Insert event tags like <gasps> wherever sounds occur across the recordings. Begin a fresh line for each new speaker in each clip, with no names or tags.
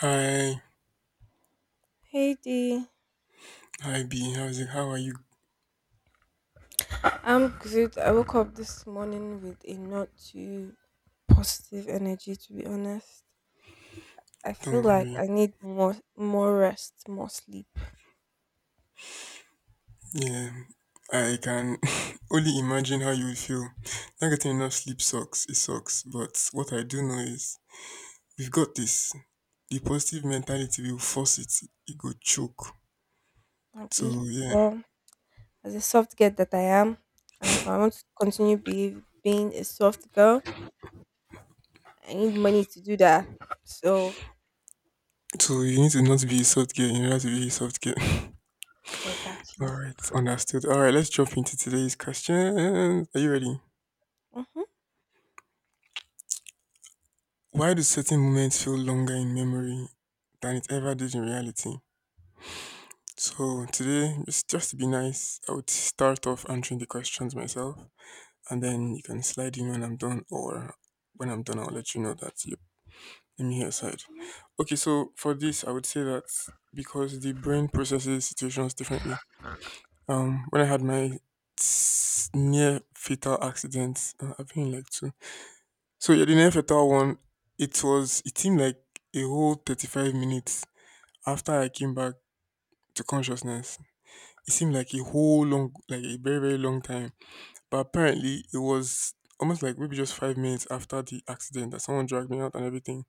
Hi,
Hey Dee.
hi B, how's it? How are you?
I'm good. I woke up this morning with a not too positive energy, to be honest. I
Don't
feel like
worry.
I need more rest, more sleep,
Yeah, I can <laughs> only imagine how you would feel. Not getting enough sleep sucks, it sucks. But what I do know is we've got this. The positive mentality will force it go choke. So
maybe.
yeah.
But as a soft girl that I am, and if I want to being a soft girl, I need money to do that. So
So you need to not be a soft girl in order to be a soft girl. <laughs>
exactly.
Alright, understood. Alright, let's jump into today's question. Are you ready?
Mm-hmm.
Why do certain moments feel longer in memory than it ever did in reality? So today, just to be nice, I would start off answering the questions myself, and then you can slide in when I'm done, or when I'm done, I'll let you know that you let me hear your side.
Mm-hmm.
Okay, so for this, I would say that because the brain processes situations differently. When I had my near fatal accident, I've been in like two. So yeah, the near fatal one, it seemed like a whole 35 minutes after I came back to consciousness. It seemed like a whole long, like a very, very long time. But apparently, it was almost like maybe just 5 minutes after the accident that someone dragged me out and everything.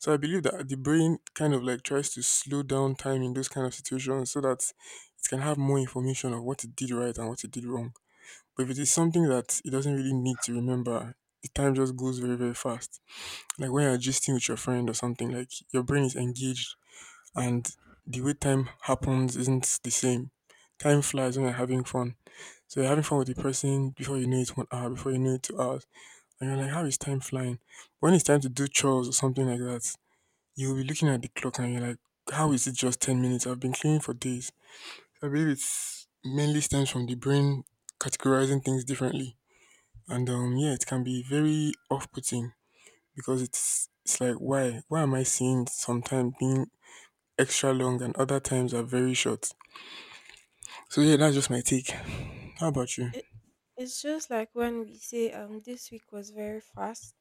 So I believe that the brain kind of like tries to slow down time in those kind of situations so that it can have more information of what it did right and what it did wrong. But if it is something that it doesn't really need to remember, the time just goes very, very fast. Like when you're gisting with your friend or something, like your brain is engaged and the way time happens isn't the same. Time flies when you're having fun. So you're having fun with the person before you know it, one hour, before you know it, 2 hours. And you're like, how is time flying? When it's time to do chores or something like that, you'll be looking at the clock and you're like, how is it just 10 minutes? I've been cleaning for days. I believe it's mainly stems from the brain categorizing things differently. And Yeah, it can be very off putting because it's like, why? Why am I seeing sometimes being extra long and other times are very short? So yeah, that's just my take. How about you?
It, it's just like when we say this week was very fast.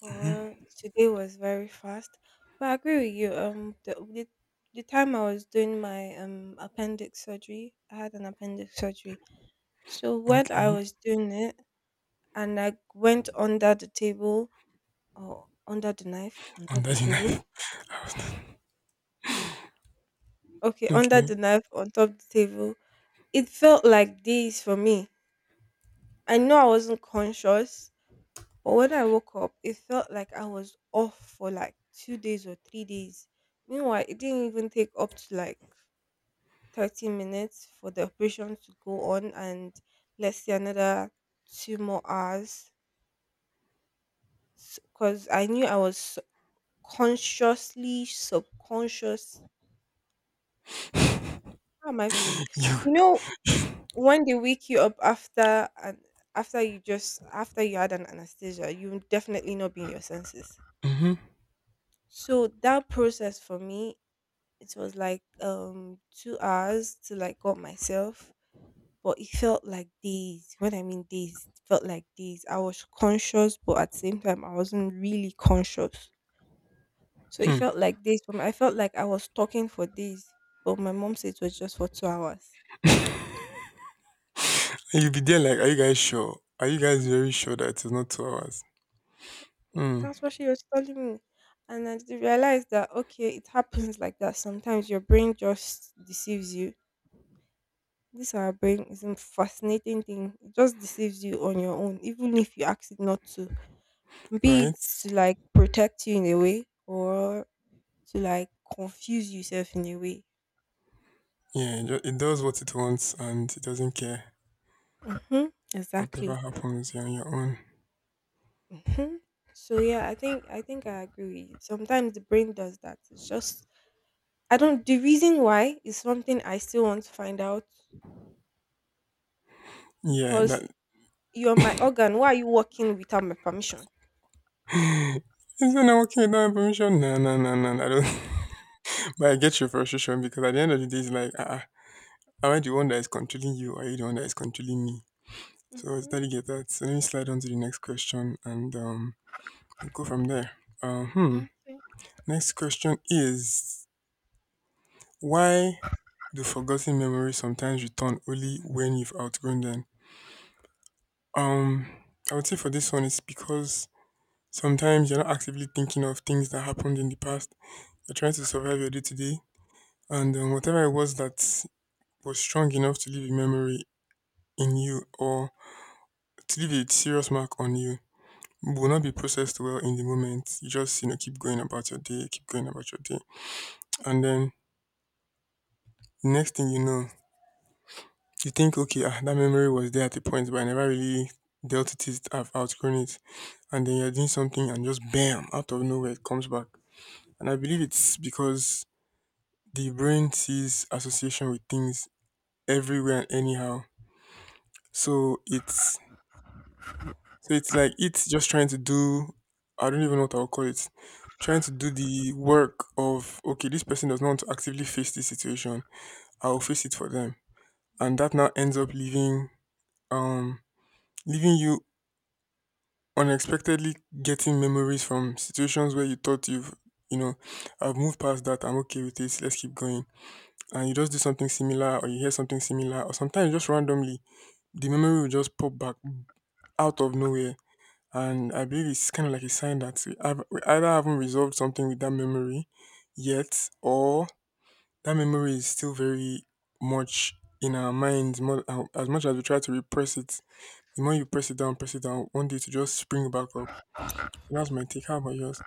Or today was very fast. But I agree with you. The time I was doing my appendix surgery, I had an appendix surgery. So when I
Okay.
was doing it, and I went under the table or under the knife on
On
top of the
that
table.
knife.
Okay, under
Okay.
the
<laughs>
knife on top of the table. It felt like this for me. I know I wasn't conscious, but when I woke up, it felt like I was off for like 2 days or 3 days. Meanwhile, it didn't even take up to like 30 minutes for the operation to go on, and let's say another 2 more hours because I knew I was consciously subconscious. How am I supposed to?
You
You know, when they wake you up after you just after you had an anesthesia, you will definitely not be in your senses.
hmm.
So that process for me, it was like 2 hours till I got myself, but it felt like days. When I mean days, it felt like days. I was conscious, but at the same time, I wasn't really conscious. So it
Hmm.
felt like days for me. I felt like I was talking for days, but my mom said it was just for 2 hours.
<laughs> You'll be there like, are you guys sure? Are you guys very sure that it's not 2 hours?
Mm.
Hmm.
That's what she was telling me. And realized that, okay, it happens like that. Sometimes your brain just deceives you. This our brain is a fascinating thing. It just deceives you on your own, even if you ask it not to. Be
Right?
it to like protect you in a way, or to like confuse yourself in a way.
Yeah, it it does what it wants and it doesn't care.
Hmm.
Whatever
Exactly.
happens, you're on your own.
Hmm. So yeah, I think I agree with you. Sometimes the brain does that. It's just I don't. The reason why is something I still want to find out,
Yeah,
because
that
you're my organ. Why are you working without my permission?
isn't that working without my permission? No, no, no, no, no, I don't. <laughs> But I get your frustration because at the end of the day, it's like, am I the one that is controlling you? Or are you the one that is controlling me? So I totally get that. So let me slide on to the next question and we'll go from there. Uh, hmm.
Hmm.
Next question is, why do forgotten memories sometimes return only when you've outgrown them? Um, I would say for this one, it's because sometimes you're not actively thinking of things that happened in the past. You're trying to survive your day to day, and whatever it was that was strong enough to leave a memory in you or to leave a serious mark on you will not be processed well in the moment. You just, you know, keep going about your day, keep going about your day. And then next thing you know, you think, okay, ah, that memory was there at a point, but I never really dealt with it. I've outgrown it. And then you're doing something and just bam, out of nowhere, it comes back. And I believe it's because the brain sees association with things everywhere and anyhow. So it's so it's like it's just trying to do, I don't even know what I'll call it. Trying to do the work of okay, this person does not want to actively face this situation. I'll face it for them. And that now ends up um leaving you unexpectedly getting memories from situations where you thought you've, you know, I've moved past that, I'm okay with this, let's keep going. And you just do something similar or you hear something similar or sometimes just randomly, the memory will just pop back out of nowhere. And I believe it's kind of like a sign that we have, we either haven't resolved something with that memory yet or that memory is still very much in our minds more, as much as we try to repress it. The more you press it down, one day to just spring back up. That's my take. How about yours?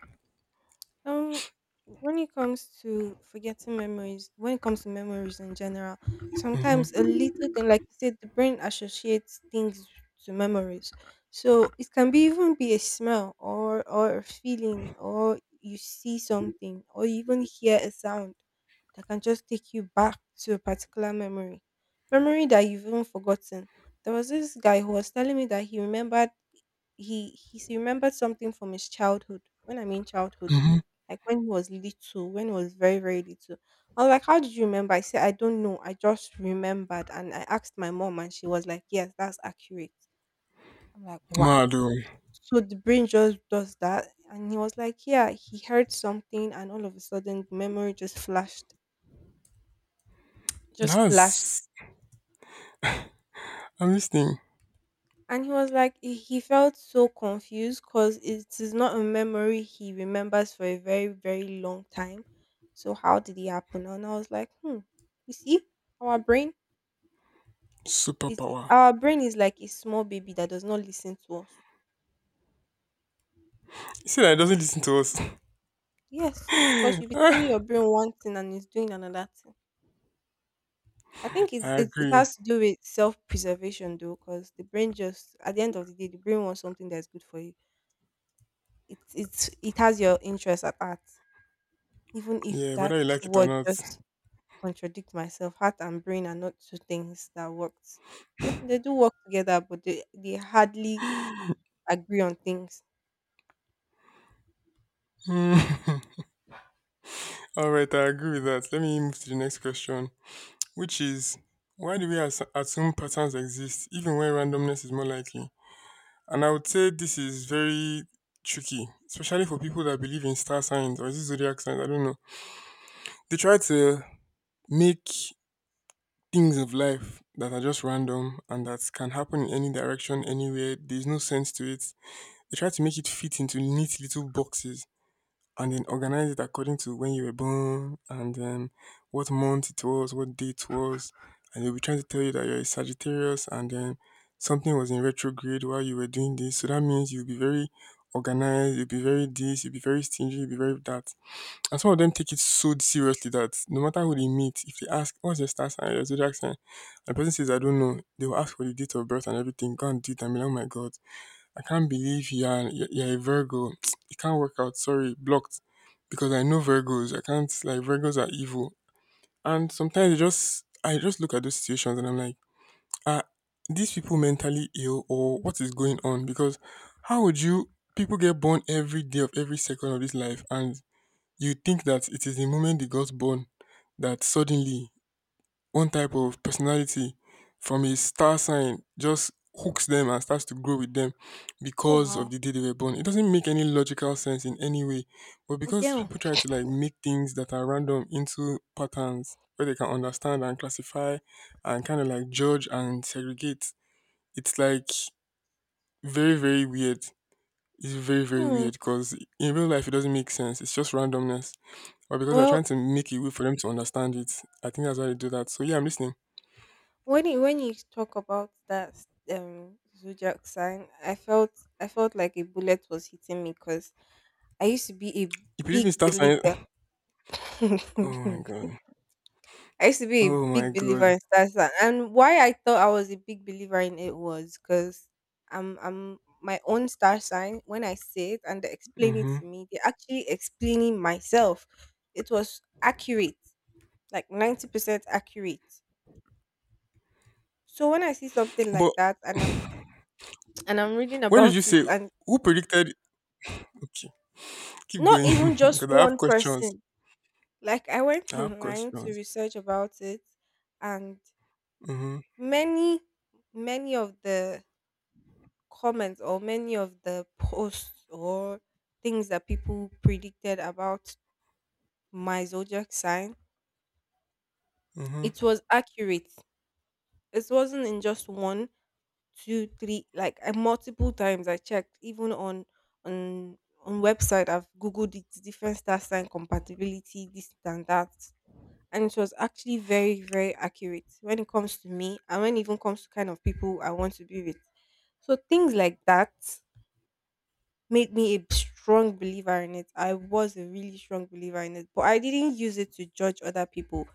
Um, when it comes to forgetting memories, when it comes to memories in general, sometimes a
Mm-hmm.
little thing, like you said, the brain associates things to memories. So it can be even be a smell, or a feeling, or you see something, or you even hear a sound that can just take you back to a particular memory that you've even forgotten. There was this guy who was telling me that he remembered remembered something from his childhood. When I mean childhood,
Mm-hmm.
like when he was little, when he was very, very little. I was like, "How did you remember?" I said, "I don't know. I just remembered." And I asked my mom, and she was like, "Yes, that's accurate." I'm like, "Wow."
Mad, oh.
So the brain just does that. And he was like, yeah, he heard something, and all of a sudden, the memory just flashed, just flashed.
That's, I'm listening.
And he was like, he felt so confused because it is not a memory he remembers for a very, very long time. So, how did it happen? And I was like, hmm, you see, our brain. It's
Superpower.
our brain is like a small baby that does not listen to us.
You see that it doesn't listen to us. <laughs>
Yes, because you'll be telling your
Ah,
brain one thing and it's doing another thing. I think it's,
I
it's it
agree.
has to do with self preservation though, because the brain just at the end of the day, the brain wants something that's good for you. It has your interest at heart, even if
Yeah,
that
whether you like it or
word
not.
just contradict myself. Heart and brain are not two things that works. Yeah, they do work together, but they hardly agree on things.
Mm. <laughs> All right, I agree with that. Let me move to the next question, which is why do we assume patterns exist even when randomness is more likely? And I would say this is very tricky, especially for people that believe in star signs or is it zodiac signs. I don't know. They try to make things of life that are just random and that can happen in any direction, anywhere. There's no sense to it. They try to make it fit into neat little boxes and then organize it according to when you were born and what month it was, what day it was. And they'll be trying to tell you that you're a Sagittarius and something was in retrograde while you were doing this. So that means you'll be very organized, you'll be very this, you'll be very stingy, you'll be very that. And some of them take it so seriously that no matter who they meet, if they ask, what's your star sign, your zodiac sign, and the person says, I don't know, they will ask for the date of birth and everything. Go and do it and be like, oh my God, I can't believe you are, you're a Virgo. <tsk> It can't work out. Sorry, blocked. Because I know Virgos. I can't, like, Virgos are evil. And sometimes it just, I just look at those situations and I'm like, ah, these people mentally ill or what is going on? Because how would you, people get born every day of every second of this life and you think that it is the moment they got born that suddenly one type of personality from a star sign just hooks them and starts to grow with them
Oh
because of
wow,
the day they were born. It doesn't make any logical sense in any way. But because
damn.
people try to like make things that are random into patterns where they can understand and classify and kind of like judge and segregate, it's like very, very weird. It's very, very
Hmm.
weird because in real life it doesn't make sense. It's just randomness or because they're
Well,
trying to make a way for them to understand it. I think that's why they do that. So yeah, I'm listening.
when you talk about that zodiac sign, I felt, I felt like a bullet was hitting me, because I used to be a
If you even
big
start signing,
believer.
<laughs> oh my
<laughs>
god,
I used to be a
oh my
big believer
god.
in star sign, and why I thought I was a big believer in it was because I'm my own star sign. When I say it and they explain it
Hmm.
to me, they're actually explaining myself. It was accurate, like 90% accurate. So when I see something
But
like that, and I'm reading
what did you
about it,
say?
and
Who predicted? Okay, keep
not
going.
even
<laughs>
just
Because I have
one
questions.
person. Like I went
I have
online to
questions.
research about it, and
Mm-hmm.
many, many of the comments, or many of the posts, or things that people predicted about my zodiac sign,
Mm-hmm.
it was accurate. It wasn't in just one, two, three. Multiple times I checked, even on on website. I've googled it, different star sign compatibility, this and that, and it was actually very very accurate when it comes to me, and when it even comes to kind of people I want to be with. So things like that made me a strong believer in it. I was a really strong believer in it, but I didn't use it to judge other people.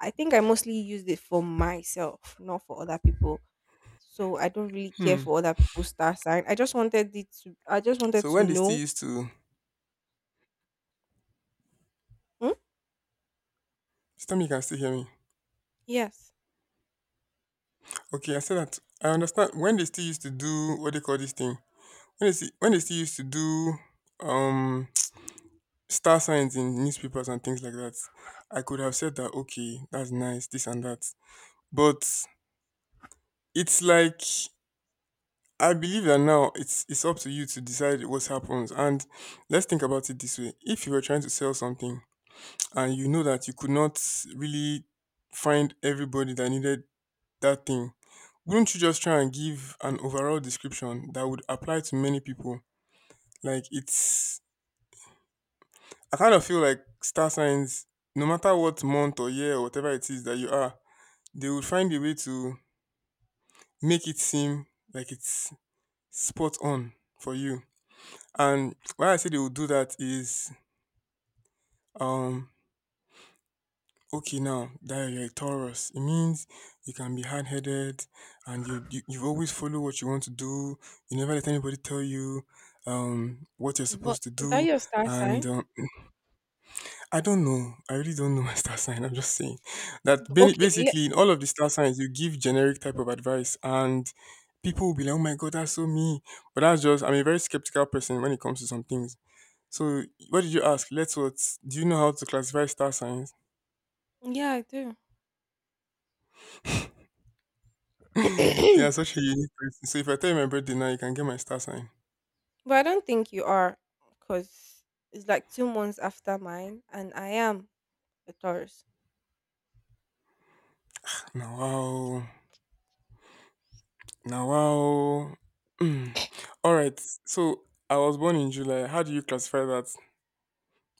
I think I mostly used it for myself, not for other people. So I don't really care
Hmm.
for other people's star sign. I just wanted it to I just wanted
So
to
when they still
know.
used to,
Hmm?
tell me you can still hear me.
Yes.
Okay, I said that I understand when they still used to do what they call this thing. When they still used to do um star signs in newspapers and things like that, I could have said that, okay, that's nice, this and that. But it's like I believe that now it's up to you to decide what happens. And let's think about it this way. If you were trying to sell something and you know that you could not really find everybody that needed that thing, wouldn't you just try and give an overall description that would apply to many people? Like it's, I kind of feel like star signs, no matter what month or year or whatever it is that you are, they will find a way to make it seem like it's spot on for you. And why I say they will do that is, um, okay, now that you're a Taurus, it means you can be hard headed and you always follow what you want to do. You never let anybody tell you what you're
But
supposed to
is that
do,
your star
and
sign?
um, I don't
Sorry.
know. I really don't know <laughs> my star sign. I'm just saying that
okay
basically in all of the star signs, you give generic type of advice, and people will be like, "Oh my god, that's so me." But that's just I'm a very skeptical person when it comes to some things. So what did you ask? Let's what? Do you know how to classify star signs?
yeah, I do.
<laughs> Yeah,
<clears throat>
such a unique person. So if I tell you my birthday now, you can get my star sign.
But I don't think you are, because it's like 2 months after mine, and I am a Taurus.
Now wow, now wow. <clears throat> Mm. All right. So I was born in July. How do you classify that?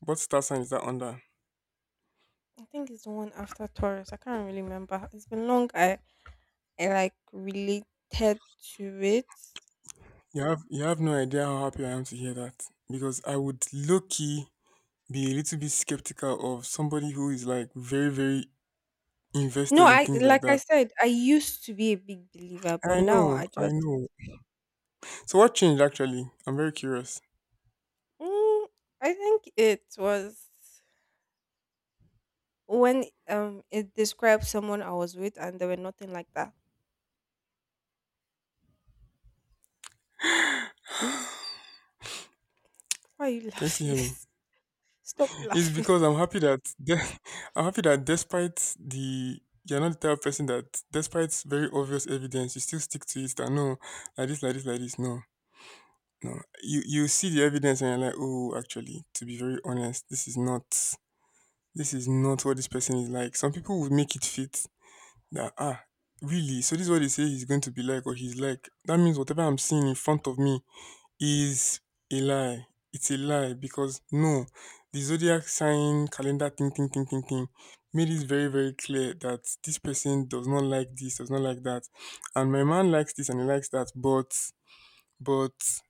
What star sign is that under?
I think it's the one after Taurus. I can't really remember. It's been long. I like related to it.
You have no idea how happy I am to hear that because I would low key be a little bit skeptical of somebody who is like very very
No,
invested in
I
things like
like I
that.
said, I used to be a big believer, but
I
now
know,
I
I
just.
know. So what changed actually? I'm very curious.
Mm, I think it was when it described someone I was with, and they were nothing like that.
<gasps> <sighs> Can
Why are you
you still
laughing?
hear me?
<laughs> Stop
It's
laughing.
because I'm happy that <laughs> I'm happy that despite the you're not the type of person that despite very obvious evidence you still stick to it. That no, like this, like this, like this. No, no. You see the evidence and you're like, oh, actually, to be very honest, this is not. This is not what this person is like. Some people would make it fit that, ah, really? So this is what they say he's going to be like or he's like. That means whatever I'm seeing in front of me is a lie. It's a lie because no, the zodiac sign calendar thing, thing, thing, thing, thing made it very, very clear that this person does not like this, does not like that. And my man likes this and he likes that, but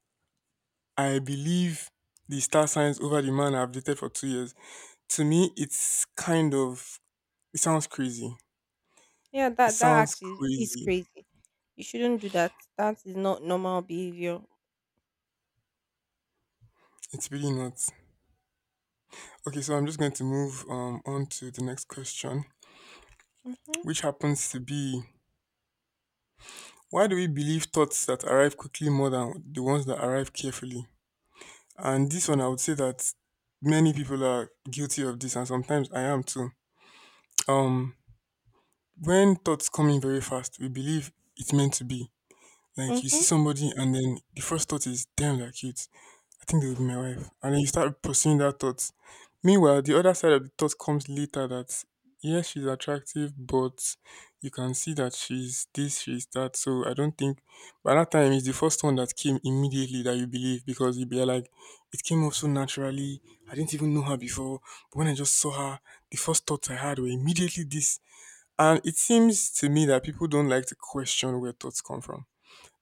I believe the star signs over the man I've dated for 2 years. To me, it's kind of it sounds crazy.
Yeah,
It
that that
sounds
actually is is
crazy.
crazy. You shouldn't do that. That is not normal behavior.
It's really not. Okay, so I'm just going to move on to the next question,
Mhm.
which happens to be why do we believe thoughts that arrive quickly more than the ones that arrive carefully? And this one, I would say that many people are guilty of this, and sometimes I am too. Um, when thoughts come in very fast, we believe it's meant to be. Like you see
Mhm.
somebody, and then the first thought is, damn, they're cute. I think it would be my wife. And then you start pursuing that thought. Meanwhile, the other side of the thought comes later that yes, she's attractive, but you can see that she's this, she's that. So I don't think by that time it's the first one that came immediately that you believe because you'd be like, it came up so naturally. I didn't even know her before. But when I just saw her, the first thoughts I had were immediately this. And it seems to me that people don't like to question where thoughts come from.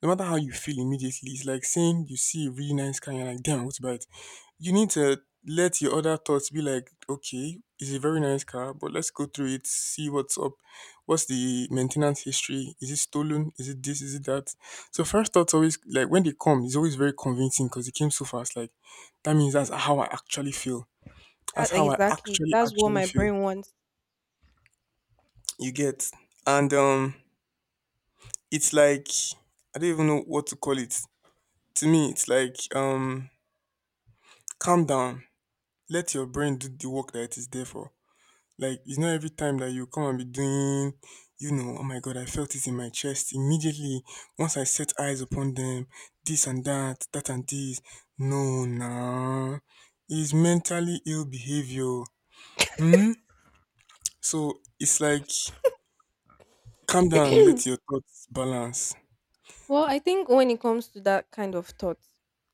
No matter how you feel immediately, it's like saying you see a really nice car and you're like, damn, I want to buy it. You need to let your other thoughts be like, okay, it's a very nice car, but let's go through it, see what's up, what's the maintenance history, is it stolen, is it this, is it that? So first thoughts always like when they come, it's always very convincing because it came so fast. Like that means that's how I actually feel. That's
That
how I
exactly.
actually
That's what
actually
my
feel.
brain wants.
You get, and it's like I don't even know what to call it. To me, it's like calm down, let your brain do the work that it is there for. Like it's not every time that you come and be doing, oh my god, I felt it in my chest immediately once I set eyes upon them, this and that, that and this. No, nah, it's mentally ill behavior. Hmm. So it's like calm down, let your
<clears throat>
thoughts balance.
Well, I think when it comes to that kind of thought,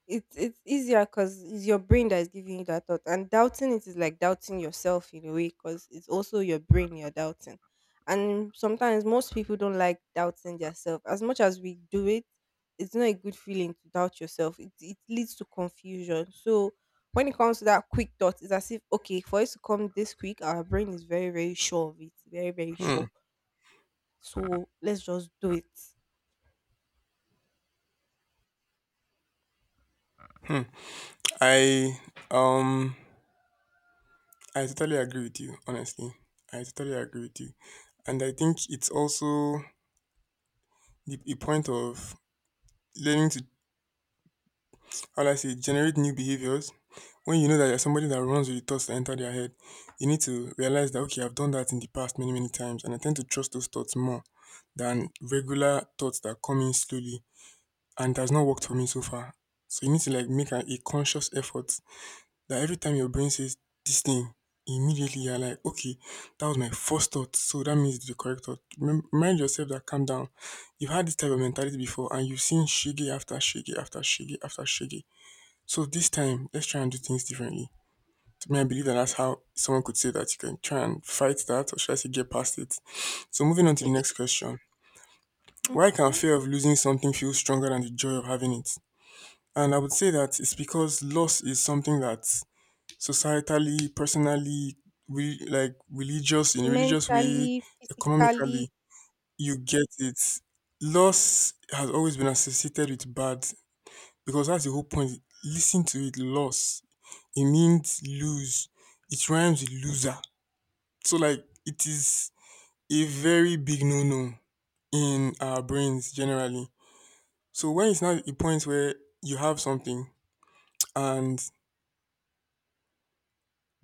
it's easier because it's your brain that is giving you that thought, and doubting it is like doubting yourself in a way, because it's also your brain you're doubting, and sometimes most people don't like doubting themselves as much as we do it. It's not a good feeling to doubt yourself. It leads to confusion. So when it comes to that quick thought, it's as if okay, for it to come this quick, our brain is very very sure of it, very very
Hmm.
sure. So let's just do it.
Hmm. I um I totally agree with you. Honestly, I totally agree with you, and I think it's also the a point of learning to how do I say generate new behaviors. When you know that you're somebody that runs with the thoughts that enter their head, you need to realize that okay, I've done that in the past many, many times, and I tend to trust those thoughts more than regular thoughts that come in slowly and it has not worked for me so far. So you need to like make a conscious effort that every time your brain says this thing, immediately you're like, okay, that was my first thought, so that means it's the correct thought. Remind yourself that calm down. You've had this type of mentality before, and you've seen shiggy after shiggy after shiggy after shiggy. So this time, let's try and do things differently. To me, I believe that that's how someone could say that you can try and fight that, or should I say, get past it. So moving on to the next
<laughs>
question, why can
Mhm.
fear of losing something feel stronger than the joy of having it? And I would say that it's because loss is something that societally, personally, like religious in a religious way,
Mentally, physically.
economically, you get it. Loss has always been associated with bad because that's the whole point. Listen to it, loss. It means lose. It rhymes with loser. So like it is a very big no-no in our brains generally. So when it's not a point where you have something and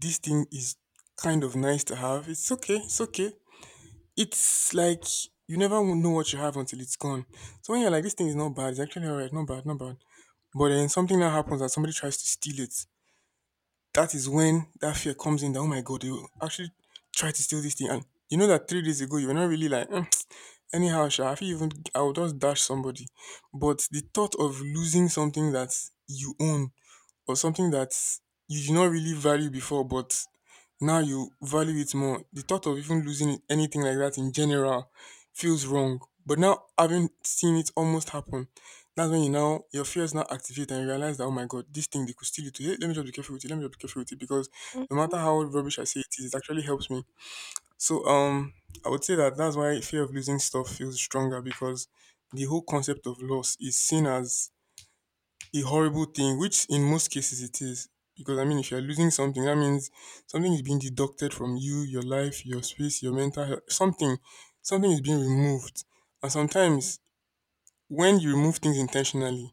this thing is kind of nice to have, it's okay, it's okay. It's like you never will know what you have until it's gone. So when you're like, this thing is not bad, it's actually alright, not bad, not bad. But then something now happens that somebody tries to steal it, that is when that fear comes in that oh my god, they will actually try to steal this thing. And you know that 3 days ago you were not really like "Mm, anyhow, sha, I feel even I will just dash somebody." But the thought of losing something that you own or something that you did not really value before, but now you value it more. The thought of even losing anything like that in general feels wrong. But now having seen it almost happen, that's when you now your fears now activate and you realize that oh my god, this thing they could steal it. Hey, let me just be careful with it. Let me just be careful with it because no matter
Mhm,
how rubbish I say it is, it actually helps me. So I would say that that's why fear of losing stuff feels stronger because the whole concept of loss is seen as a horrible thing, which in most cases it is. Because I mean, if you're losing something, that means something is being deducted from you, your life, your space, your mental health, something, something is being removed. And sometimes when you remove things intentionally,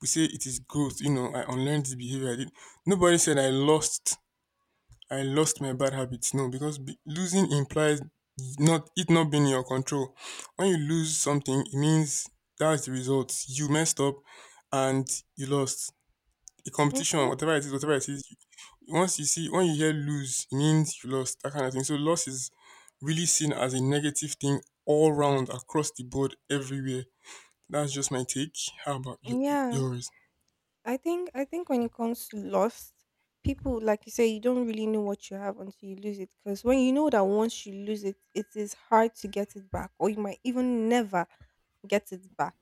we say it is growth. You know, I unlearned this behavior. I did. Nobody said I lost. I lost my bad habits. No, because losing implies not it not being in your control. When you lose something, it means that's the result. You messed up, and you lost. The competition,
mhm.
whatever it is, once you see, when you hear lose, it means you lost, that kind of thing. So loss is really seen as a negative thing all round, across the board, everywhere. That's just my take. How about
Yeah.
yours?
I think when it comes to loss, people, like you say, you don't really know what you have until you lose it. Because when you know that once you lose it, it is hard to get it back, or you might even never get it back.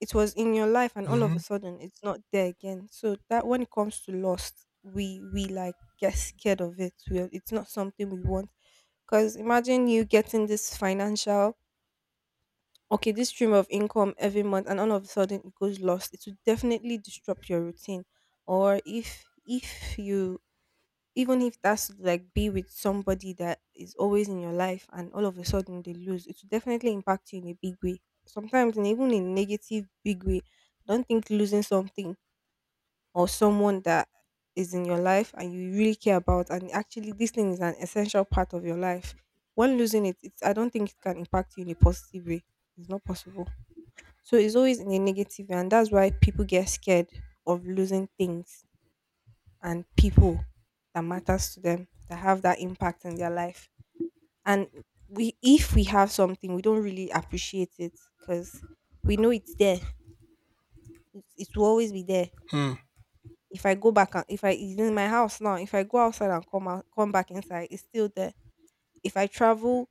It was in your life, and all of
Mm-hmm.
a sudden, it's not there again. So that when it comes to lost, we like get scared of it. It's not something we want. Because imagine you getting this financial okay, this stream of income every month, and all of a sudden it goes lost, it will definitely disrupt your routine. Or if you, even if that's like be with somebody that is always in your life and all of a sudden they lose, it will definitely impact you in a big way. Sometimes, and even in negative big way. I don't think losing something or someone that is in your life and you really care about, and actually this thing is an essential part of your life. When losing it, it's, I don't think it can impact you in a positive way. It's not possible. So it's always in the negative, and that's why people get scared of losing things, and people that matters to them, that have that impact in their life. And we, if we have something, we don't really appreciate it, because we know it's there. It will always be there. If I go back, and if I, it's in my house now, if I go outside and come out, come back inside, it's still there. If I travel,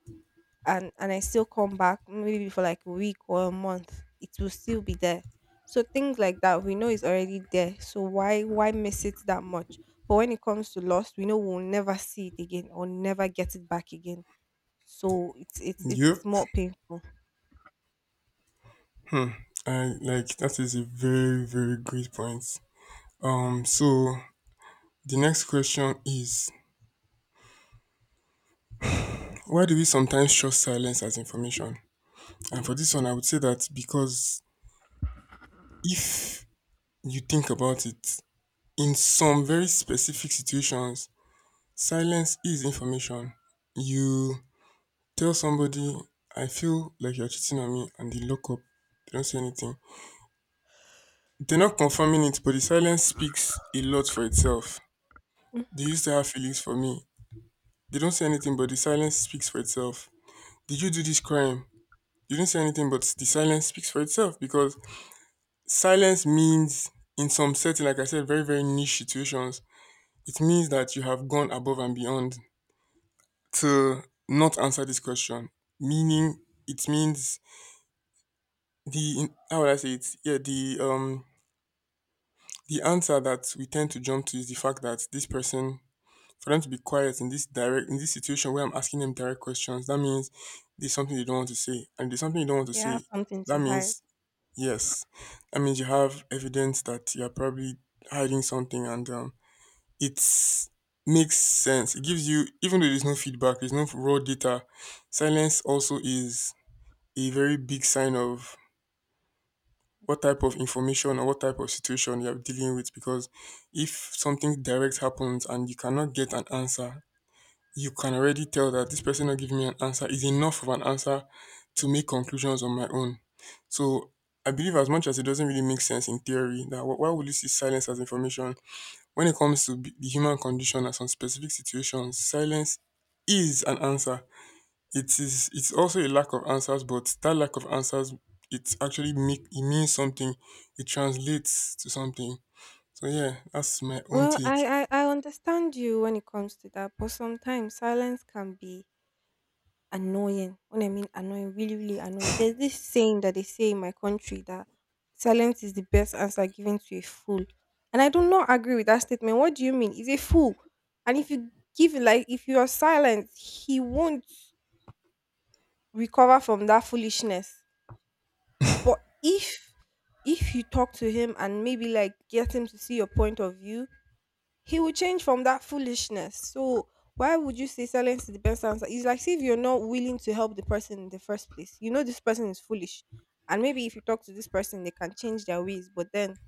and I still come back maybe for like a week or a month, it will still be there. So things like that, we know it's already there. So why miss it that much? But when it comes to loss, we know we'll never see it again, or never get it back again. So it's
Yep.
more painful.
I like that is a very, very great point. So the next question is why do we sometimes trust silence as information? And for this one I would say that because if you think about it, in some very specific situations, silence is information. You tell somebody, I feel like you're cheating on me, and they lock up. They don't say anything. They're not confirming it, but the silence speaks a lot for itself. They
Mm.
used to have feelings for me? They don't say anything, but the silence speaks for itself. Did you do this crime? You didn't say anything, but the silence speaks for itself because silence means, in some setting, like I said, very, very niche situations, it means that you have gone above and beyond to not answer this question, meaning it means the how would I say it? Yeah, the the answer that we tend to jump to is the fact that this person for them to be quiet in this direct in this situation where I'm asking them direct questions, that means there's something they don't want to say. And if there's something you don't want to
Yeah,
say,
have something to
that
hide.
means yes. That means you have evidence that you're probably hiding something and it's makes sense. It gives you, even though there's no feedback, there's no raw data, silence also is a very big sign of what type of information or what type of situation you're dealing with, because if something direct happens and you cannot get an answer, you can already tell that this person not giving me an answer is enough of an answer to make conclusions on my own. So I believe, as much as it doesn't really make sense in theory that why would you see silence as information, when it comes to the human condition and some specific situations, silence is an answer. It is. It's also a lack of answers, but that lack of answers, it actually make it means something. It translates to something. So yeah, that's my own
Well,
take.
I understand you when it comes to that, but sometimes silence can be annoying. When I mean annoying, really, really annoying. There's this saying that they say in my country that silence is the best answer given to a fool. And I do not agree with that statement. What do you mean? He's a fool. And if you give like if you are silent, he won't recover from that foolishness. But if you talk to him and maybe like get him to see your point of view, he will change from that foolishness. So why would you say silence is the best answer? It's like see if you're not willing to help the person in the first place. You know this person is foolish. And maybe if you talk to this person, they can change their ways, but then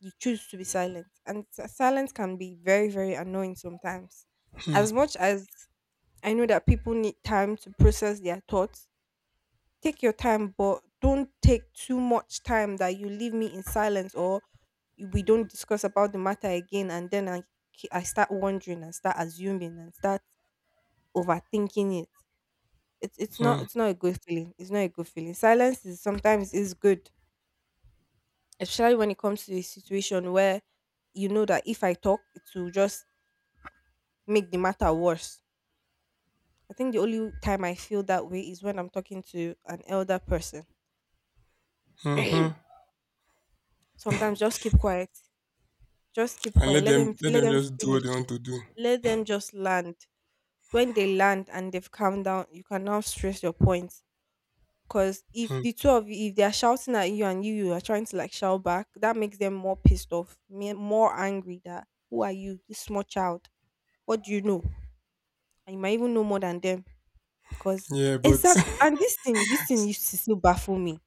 you choose to be silent. Silence can be very, very annoying sometimes. As much as I know that people need time to process their thoughts, take your time, but don't take too much time that you leave me in silence or we don't discuss about the matter again. And then I start wondering and start assuming and start overthinking it. It's not
Hmm.
it's not a good feeling. It's not a good feeling. Silence is sometimes is good, especially when it comes to a situation where you know that if I talk, it will just make the matter worse. I think the only time I feel that way is when I'm talking to an elder person.
Hmm, hmm.
Sometimes just keep quiet. Just keep
And
quiet.
let
Let
them
them
let
let
them
them
just do what
finish.
they want to do.
Let them just land. When they land and they've calmed down, you can now stress your points. Because if
Hmm.
the two of you, if they are shouting at you and you are trying to like shout back, that makes them more pissed off, more angry. That who are you, this small child? What do you know? And you might even know more than them because
Yeah, but
exactly. And this thing
<laughs>
used to still baffle me.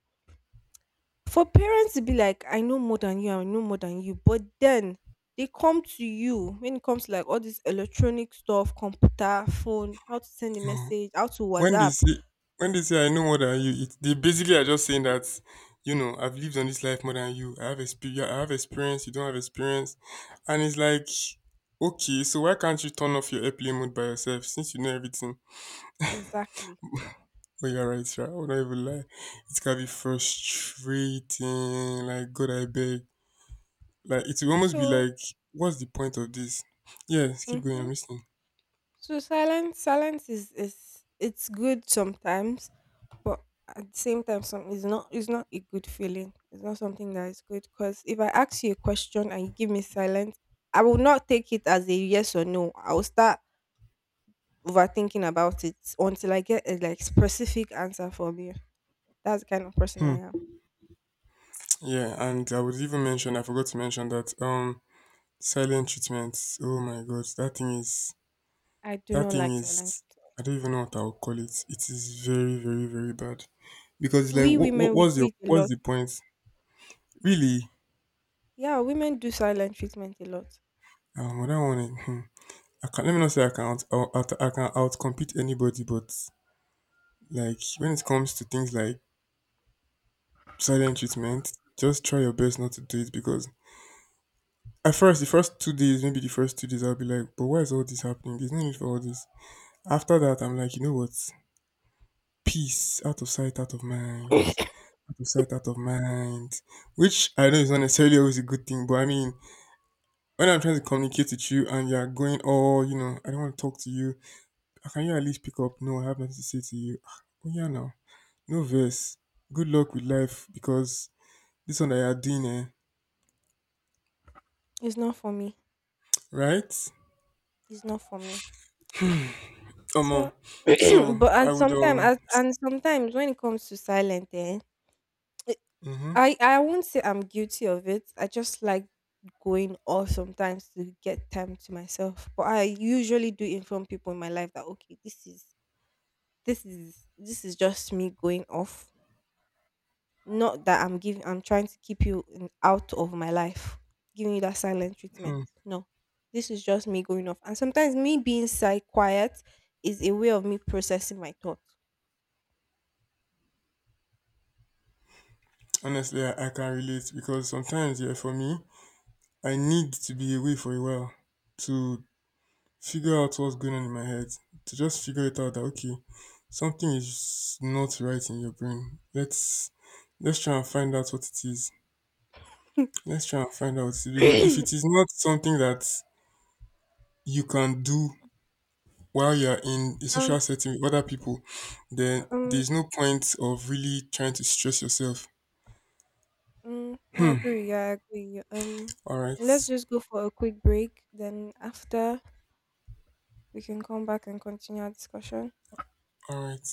For parents to be like, I know more than you, I know more than you, but then they come to you when it comes to like all this electronic stuff, computer, phone, how to send a message, how to
when they
WhatsApp.
say when they say I know more than you, it, they basically are just saying that, you know, I've lived on this life more than you. I have experience. I have experience. You don't have experience, and it's like, okay, so why can't you turn off your airplane mode by yourself since you know everything?
Exactly.
But you're right, sir. I will not even lie. It can be frustrating. Like, God, I beg. Like, it will almost be
So,
like, what's the point of this? Yes, keep going. I'm
hmm
listening.
so silence, silence is it's good sometimes, but at the same time, some it's not a good feeling. It's not something that is good because if I ask you a question and you give me silence, I will not take it as a yes or no. I will start overthinking about it until I get a like specific answer from you. That's the kind of person
Hmm.
I am.
Yeah, and I would even mention, I forgot to mention that silent treatments. Oh my God, that thing is
I do
that
not
thing
like silent
is.
treatment.
I don't even know what I would call it. It is very, very, very bad, because it's like,
We women we do
what's your,
it a
what's
lot.
the point? Really?
Yeah, women do silent treatment a lot.
What I want Hmm. I can, let me not say I can out, out I can outcompete anybody, but like when it comes to things like silent treatment, just try your best not to do it, because at first, the first 2 days, maybe the first 2 days, I'll be like, but why is all this happening? There's no need for all this. After that, I'm like, you know what? Peace, out of sight, out of mind. Out of sight, out of mind. Which I know is not necessarily always a good thing, but I mean, when I'm trying to communicate with you and you're going, oh, you know, I don't want to talk to you, can you at least pick up? No, I have nothing to say to you. Ah. Oh, yeah, now. No verse. Good luck with life, because this one that you're doing, eh?
It's not for me.
Right?
It's not for me. So
Um, so
<clears throat> but
I would
and sometimes when it comes to silent it-
mhm,
I won't say I'm guilty of it. I just like going off sometimes to get time to myself. But I usually do inform people in my life that okay, this is just me going off. Not that I'm trying to keep you out of my life, giving you that silent treatment.
mm
No. This is just me going off. And sometimes me being quiet is a way of me processing my thoughts.
Honestly, I, can relate because sometimes, yeah, for me, I need to be away for a while to figure out what's going on in my head, to just figure it out that okay, something is not right in your brain. Let's try and find out what it is.
<coughs> <clears throat>
Let's try and find out what it is Because if it is not something that you can do while you're in a
um,
social setting with other people, then
um,
there's no point of really trying to stress yourself.
I agree. I agree.
All right.
Let's just go for a quick break. Then after we can come back and continue our discussion.
All right.